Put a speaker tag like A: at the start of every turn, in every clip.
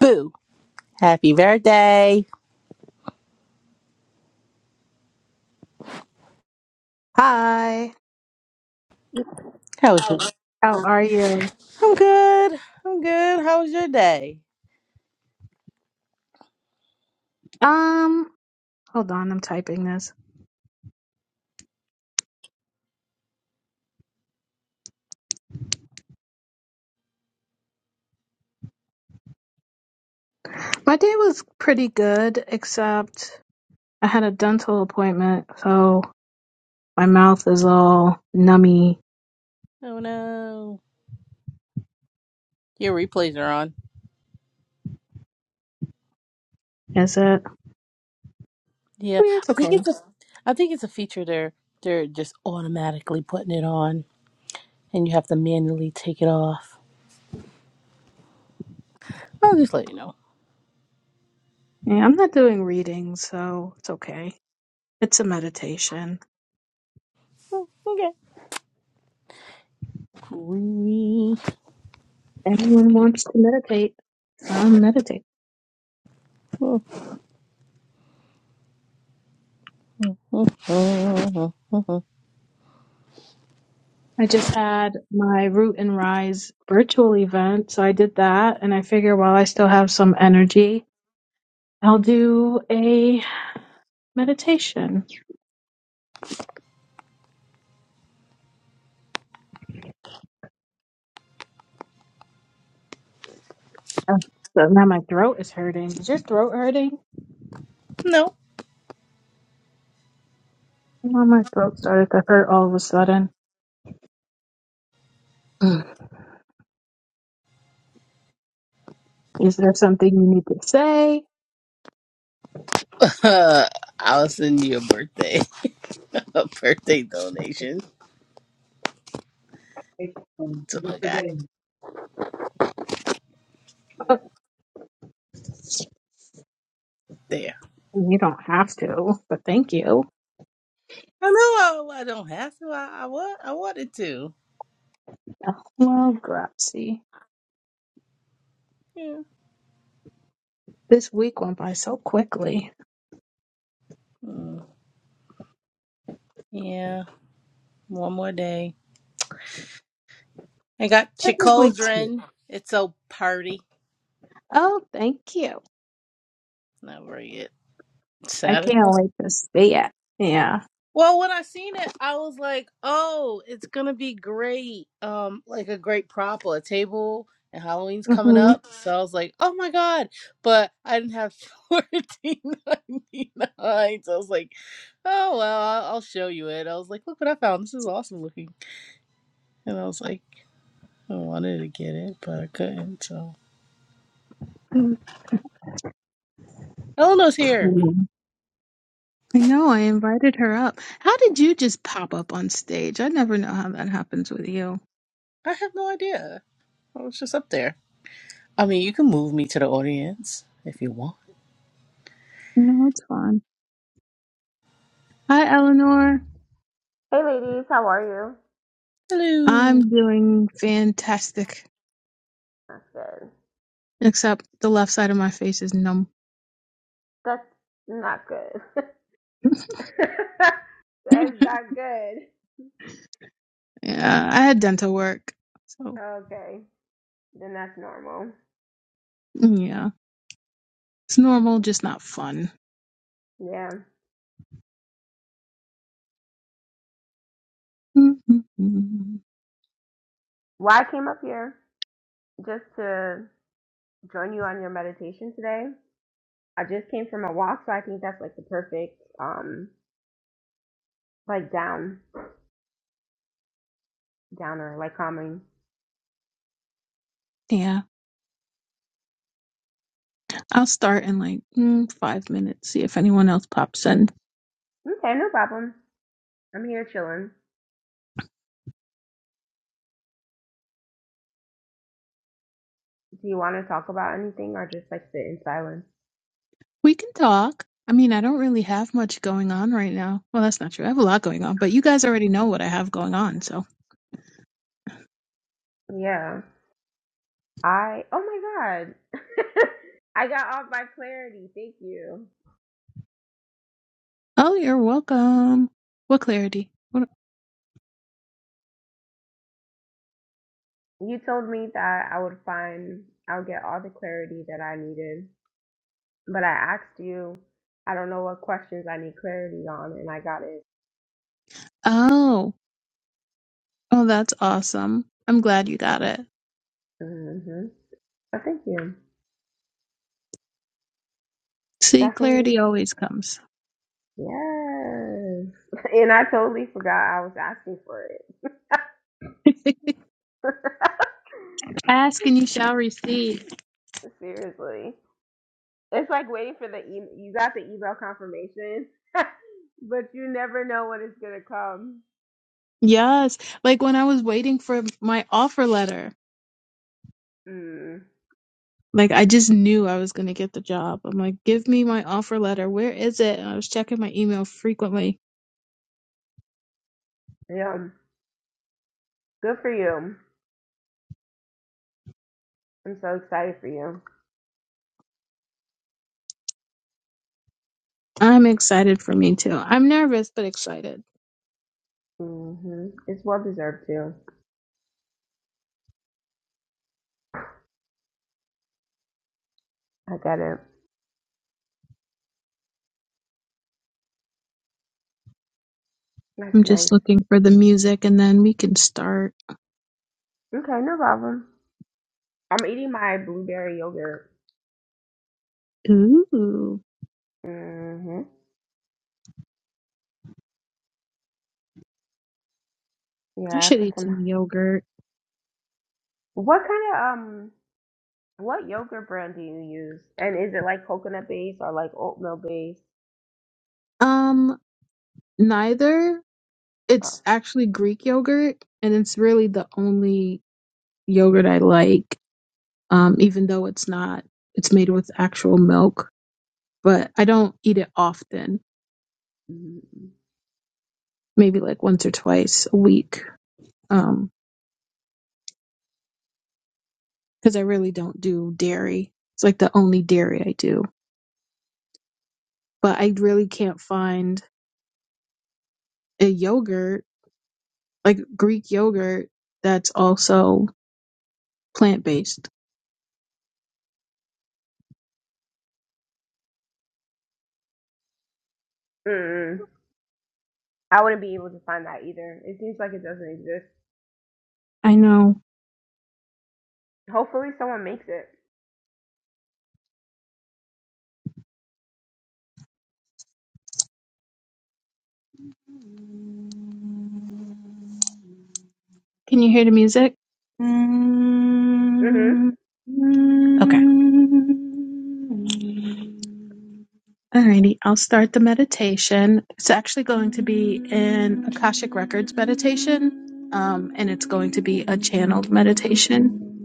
A: Boo. Happy birthday.
B: Hi.
A: How was your
B: How are you?
A: I'm good. I'm good. How was your day?
B: Um, hold on, I'm typing this. My day was pretty good, except I had a dental appointment, so my mouth is all nummy.
A: Oh no. Your replays are on.
B: Is it? I
A: Yeah.
B: mean, it's
A: I think
B: okay.
A: it's a I think it's a feature they're they're just automatically putting it on and you have to manually take it off. I'll just let you know.
B: Yeah, I'm not doing readings, so it's okay. It's a meditation.
A: Mm,
B: Anyone wants to meditate, um, meditate.
A: Okay.
B: I just had my Root and Rise virtual event, so I did that, and I figure while I still have some energy, I'll do a Meditation. Oh, so now my throat is hurting. Is your throat hurting?
A: No.
B: Now my throat started to hurt all of a sudden. Ugh. Is there something you need to say?
A: I'll send you a birthday a birthday donation to a guy.
B: Uh, You don't have to, but thank you.
A: I know I, I don't have to. I, I wa- I wanted to.
B: Oh, Well, grazie.
A: Yeah.
B: This week went by so quickly.
A: Mm, yeah. One more day. I got
B: Technically two.
A: Chicoldren. It's a party.
B: Oh, thank you.
A: Not very it.
B: I
A: Saturday.
B: can't wait to see it. Yeah.
A: Well, when I seen it, I was like, "Oh, it's gonna be great! Um, like a great prop or a table." And Halloween's coming
B: hmm
A: up, so I was like, "Oh my god!" But I didn't have fourteen ninety nine, so I was like, "Oh well, I'll I'll show you it." I was like, "Look what I found! This is awesome looking." And I was like, I wanted to get it, but I couldn't. So Mm. Eleanor's here.
B: I know. I invited her up. How did you just pop up on stage? I never know how that happens with you.
A: I have no idea. I was just up there. I mean, you can move me to the audience if you want.
B: No, it's fine. Hi, Eleanor.
C: Hey ladies, how are you?
A: Hello.
B: I'm doing fantastic,
C: That's good.
B: except the left side of my face is numb.
C: That's not good. that's
B: yeah,
C: not good.
B: I had dental work, so
C: Okay, then that's normal.
B: yeah, it's normal, just not fun.
C: Yeah.
B: Mm-mm-mm.
C: Well, I came up here just to join you on your meditation today. I just came from a walk, so I think that's like the perfect, um, like down, downer, like calming.
B: yeah, I'll start in like mm, five minutes. See if anyone else pops in.
C: Okay, no problem. I'm here chilling. Do you want to talk about anything or just like sit in silence?
B: We can talk. I mean, I don't really have much going on right now. Well, that's not true. I have a lot going on, but you guys already know what I have going on, so.
C: Yeah. I oh my god. I got all my clarity. Thank you.
B: Oh, you're welcome. What clarity? What?
C: You told me that I would find I'll get all the clarity that I needed. But I asked you I don't know what questions I need clarity on and I got it.
B: Oh, oh, that's awesome. I'm glad you got it.
C: Mhm. So thank you.
B: See,
C: Definitely.
B: clarity always comes.
C: Yes. And I totally forgot I was asking for it.
B: Ask and you shall receive.
C: Seriously. It's like waiting for the email. You got the email confirmation, but you never know when it's gonna come.
B: Yes. Like when I was waiting for my offer letter,
C: Mm.
B: like I just knew I was going to get the job. I'm like, give me my offer letter. Where is it? And I was checking my email frequently.
C: Yeah, good for you. I'm so excited for you.
B: I'm excited for me too. I'm nervous, but excited.
C: hmm It's well deserved too. I got it. That's
B: I'm
C: nice.
B: just looking for the music and then we can start.
C: Okay, no problem. I'm eating my blueberry yogurt.
B: Ooh,
C: hmm Yeah,
B: I
C: I
B: should
C: put
B: eat
C: some.
B: some yogurt.
C: What kind of um? What yogurt brand do you use? And is it like coconut based or like oatmeal based?
B: Um, neither.
C: Oh.
B: It's actually Greek yogurt and it's really the only yogurt I like. Um, even though it's not, it's made with actual milk but I don't eat it often,
C: Mm-hmm.
B: maybe like once or twice a week. Um, cause I really don't do dairy. It's like the only dairy I do, but I really can't find a yogurt, like Greek yogurt that's also plant based.
C: Mm-hmm. I wouldn't be able to find that either. It seems like it doesn't exist.
B: I know.
C: Hopefully, someone makes it.
B: Can you hear the music?
C: Mhm.
B: Okay. Alrighty, I'll start the meditation. It's actually going to be an Akashic Records meditation, um, and it's going to be a channeled meditation.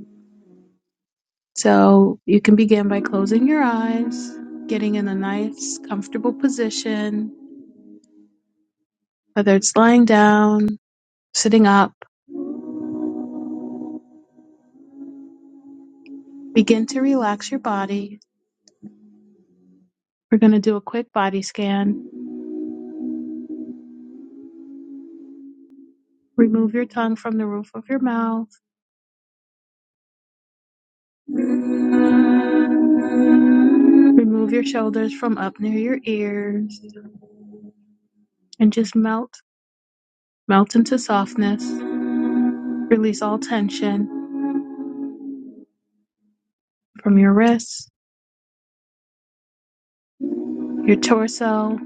B: So you can begin by closing your eyes, getting in a nice, comfortable position, whether it's lying down, sitting up. Begin to relax your body. We're going to do a quick body scan. Remove your tongue from the roof of your mouth Remove your shoulders from up near your ears and just melt, melt into softness. Release all tension from your wrists, your torso,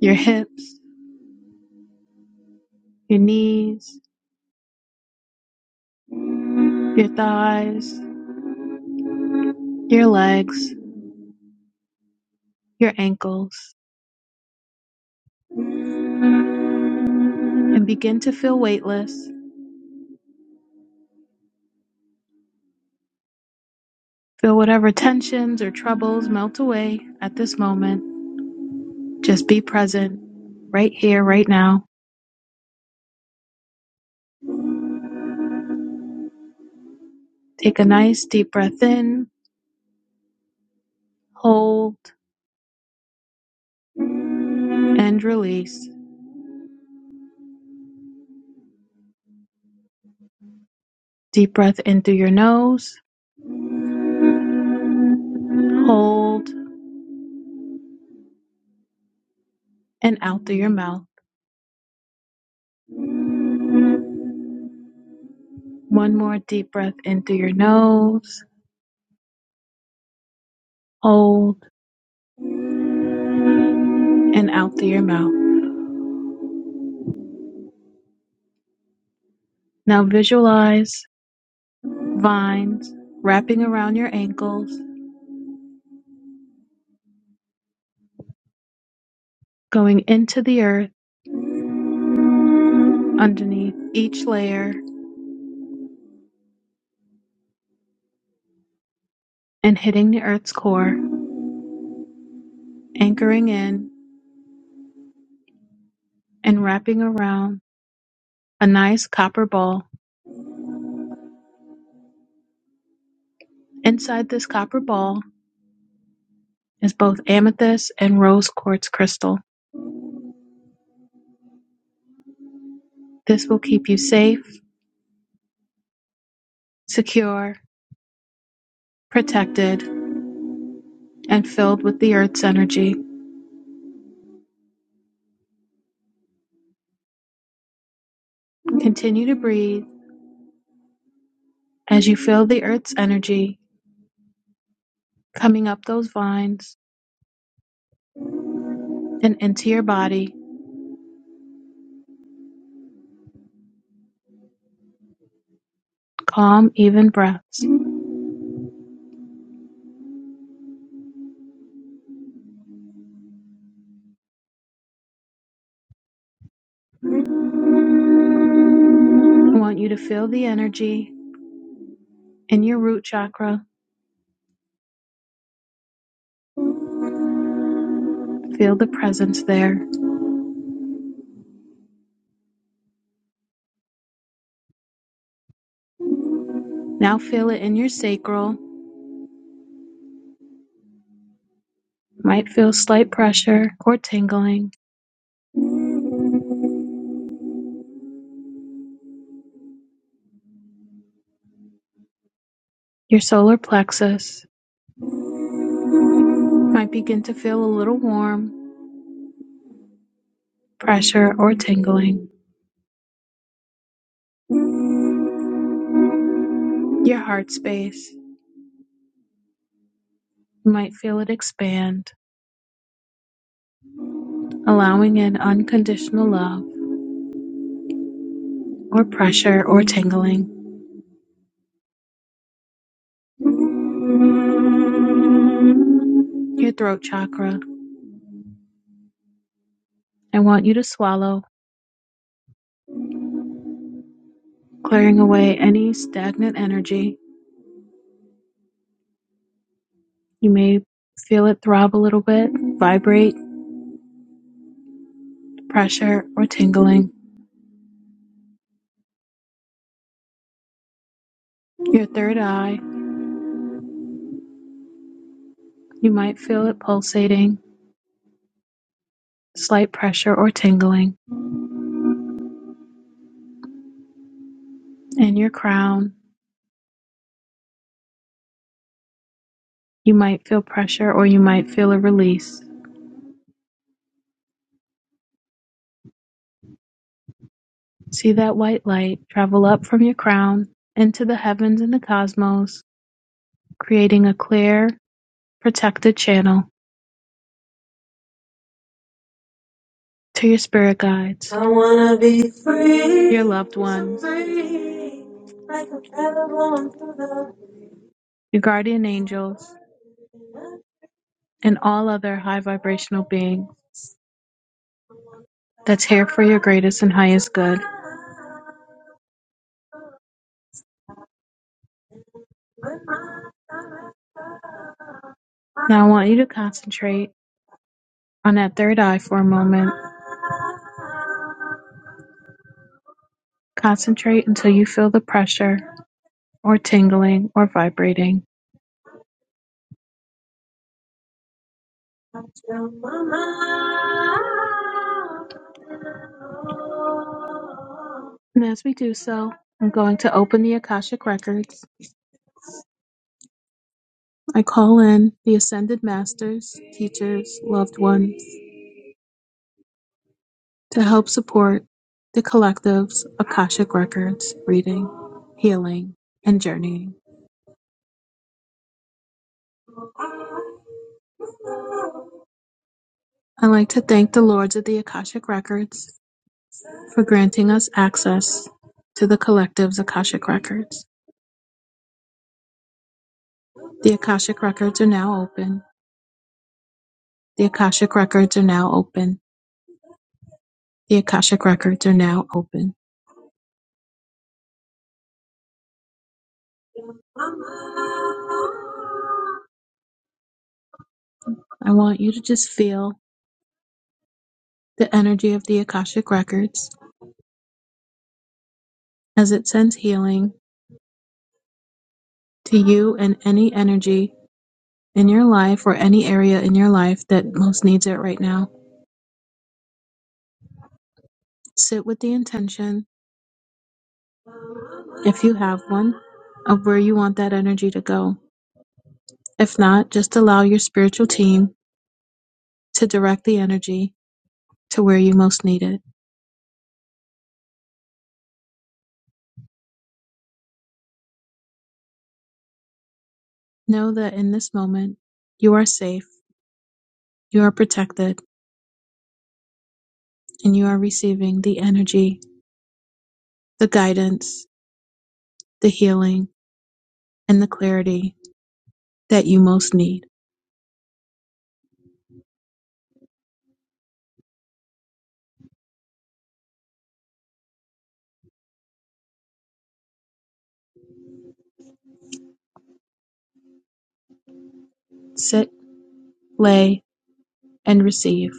B: your hips, your knees, your thighs, your legs, your ankles, and begin to feel weightless. Feel whatever tensions or troubles melt away at this moment. Just be present right here, right now. Take a nice deep breath in Hold and release. Deep breath in through your nose. Hold and out through your mouth. One more deep breath in through your nose. Hold and out through your mouth. Now visualize vines wrapping around your ankles, going into the earth underneath each layer and hitting the earth's core, anchoring in and wrapping around a nice copper ball. Inside this copper ball is both amethyst and rose quartz crystal. This will keep you safe, secure, protected, and filled with the Earth's energy. Continue to breathe as you feel the Earth's energy coming up those vines and into your body. Calm, even breaths. I want you to feel the energy in your root chakra. Feel the presence there. Now feel it in your sacral. Might feel slight pressure or tingling. Your solar plexus might begin to feel a little warm, pressure, or tingling. Your heart space. You might feel it expand, allowing in unconditional love or pressure or tingling. Your throat chakra. I want you to swallow, clearing away any stagnant energy. You may feel it throb a little bit, vibrate, pressure, or tingling. Your third eye. You might feel it pulsating, slight pressure or tingling. And your crown. You might feel pressure or you might feel a release. See that white light travel up from your crown into the heavens and the cosmos, creating a clear, protected channel to your spirit guides, I wanna be free. your loved ones, your guardian angels, and all other high vibrational beings that's here for your greatest and highest good. Now I want you to concentrate on that third eye for a moment. Concentrate until you feel the pressure or tingling or vibrating. And as we do so, I'm going to open the Akashic Records. I call in the Ascended Masters, teachers, loved ones to help support the collective's Akashic Records reading, healing, and journeying. I like to thank the Lords of the Akashic Records for granting us access to the collective's Akashic Records. The Akashic Records are now open. The Akashic Records are now open. The Akashic Records are now open. I want you to just feel the energy of the Akashic Records as it sends healing to you and any energy in your life or any area in your life that most needs it right now. Sit with the intention, if you have one, of where you want that energy to go. If not, just allow your spiritual team to direct the energy to where you most need it. Know that in this moment, you are safe, you are protected, and you are receiving the energy, the guidance, the healing, and the clarity that you most need. Sit, lay, and receive.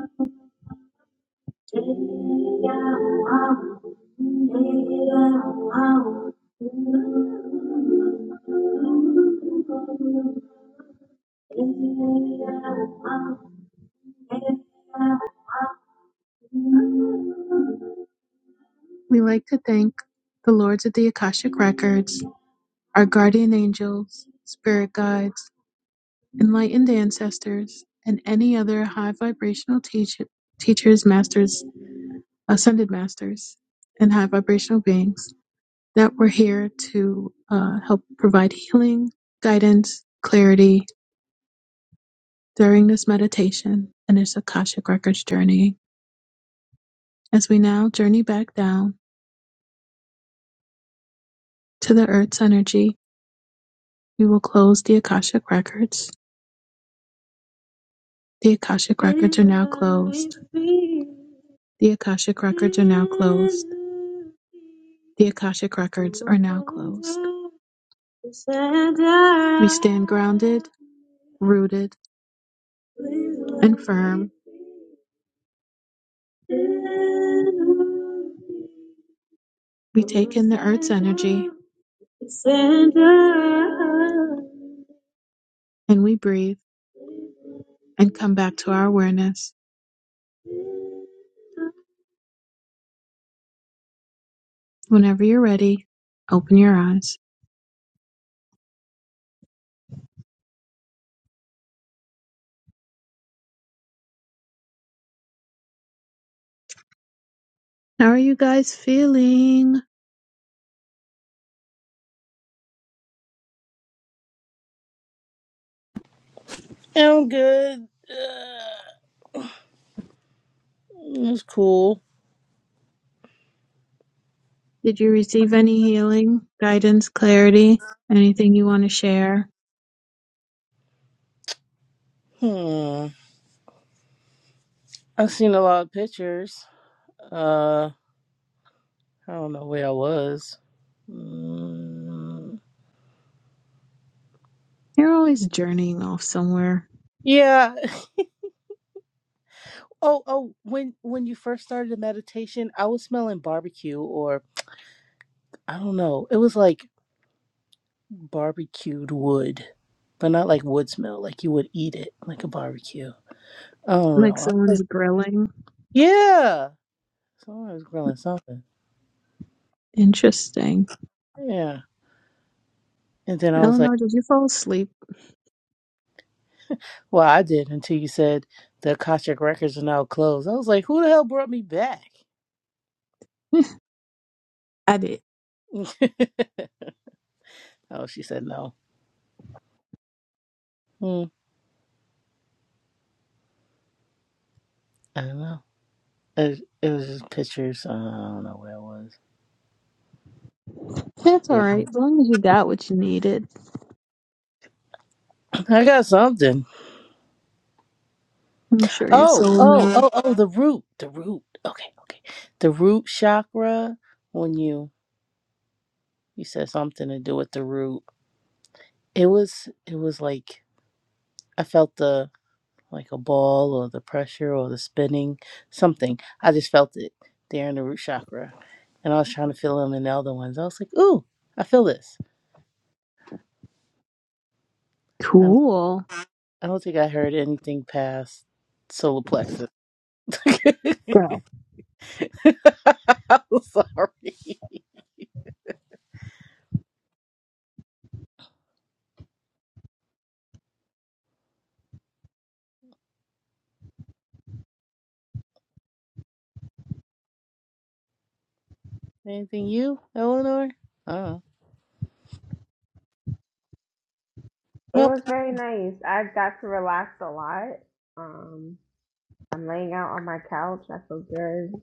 B: We like to thank the Lords of the Akashic Records, our guardian angels, spirit guides, enlightened ancestors, and any other high vibrational teach- teachers, masters, ascended masters, and high vibrational beings. that we're here to uh, help provide healing, guidance, clarity during this meditation and its Akashic Records journey. As we now journey back down to the Earth's energy, we will close the Akashic Records. The Akashic Records are now closed. The Akashic Records are now closed. The Akashic Records are now closed. We stand grounded, rooted, and firm We take in the earth's energy and we breathe and come back to our awareness. Whenever you're ready, open your eyes. How are you guys feeling?
A: I'm good. Uh, it was cool.
B: Did you receive any healing, guidance, clarity? Anything you want to share?
A: Hmm. I've seen a lot of pictures. Uh, I don't know where I was. Mm.
B: You're always journeying off somewhere,
A: Yeah. Oh, oh. When when you first started the meditation, I was smelling barbecue, or I don't know. It was like barbecued wood, but not like wood smell. Like you would eat it like a barbecue. I don't
B: like
A: know. I was like,
B: someone's grilling.
A: yeah, someone was grilling something.
B: Interesting.
A: Yeah. And then I was like,
B: Eleanor, did you fall asleep?
A: well, I did until you said the Akashic records are now closed. I was like, who the hell brought me back?
B: I did.
A: oh, she said no. Hmm, I don't know. It, it was just pictures. Uh, I don't know where
B: That's all
A: it
B: right.
A: was.
B: As long as you got what you needed,
A: I got something.
B: I'm sure your
A: Oh,
B: soul
A: oh,
B: knows.
A: oh, oh, the root, the root. Okay, okay. The root chakra when you you said something to do with the root. It was it was like I felt the like a ball or the pressure or the spinning something. I just felt it there in the root chakra. And I was trying to feel them in the other ones. I was like, "Ooh, I feel this." I don't,
B: Cool.
A: I don't think I heard anything past solar plexus.
B: Bro.
A: I'm sorry. Anything you, Eleanor? Oh.
C: It
A: Well,
C: was very nice. I got to relax a lot. Um, I'm laying out on my couch. I feel good.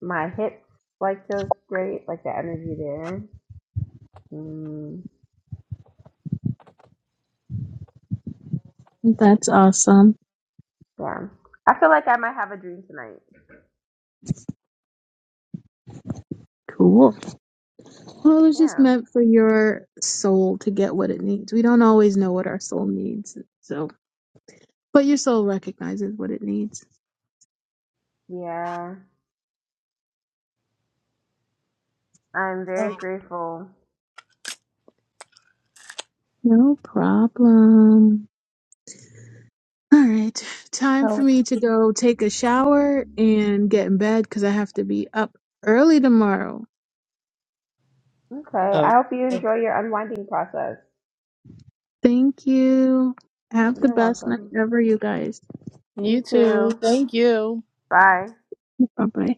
C: My hips like feels great. Like the energy there. Mm,
B: That's awesome.
C: yeah. I feel like I might have a dream tonight.
B: Cool. Well, it was just
C: Yeah.
B: meant for your soul to get what it needs. We don't always know what our soul needs. So, but your soul recognizes what it needs.
C: Yeah. I'm very
A: oh,
C: grateful.
B: No problem. All right. Time for
A: oh.
B: me to go take a shower and get in bed because I have to be up early tomorrow.
C: Okay.
A: oh.
C: I hope you enjoy your unwinding process.
B: Thank you. Have the
C: You're
B: best night
C: welcome.
B: ever, you guys.
A: you
C: You
A: too.
C: too.
A: Thank you.
C: Bye.
B: Bye bye.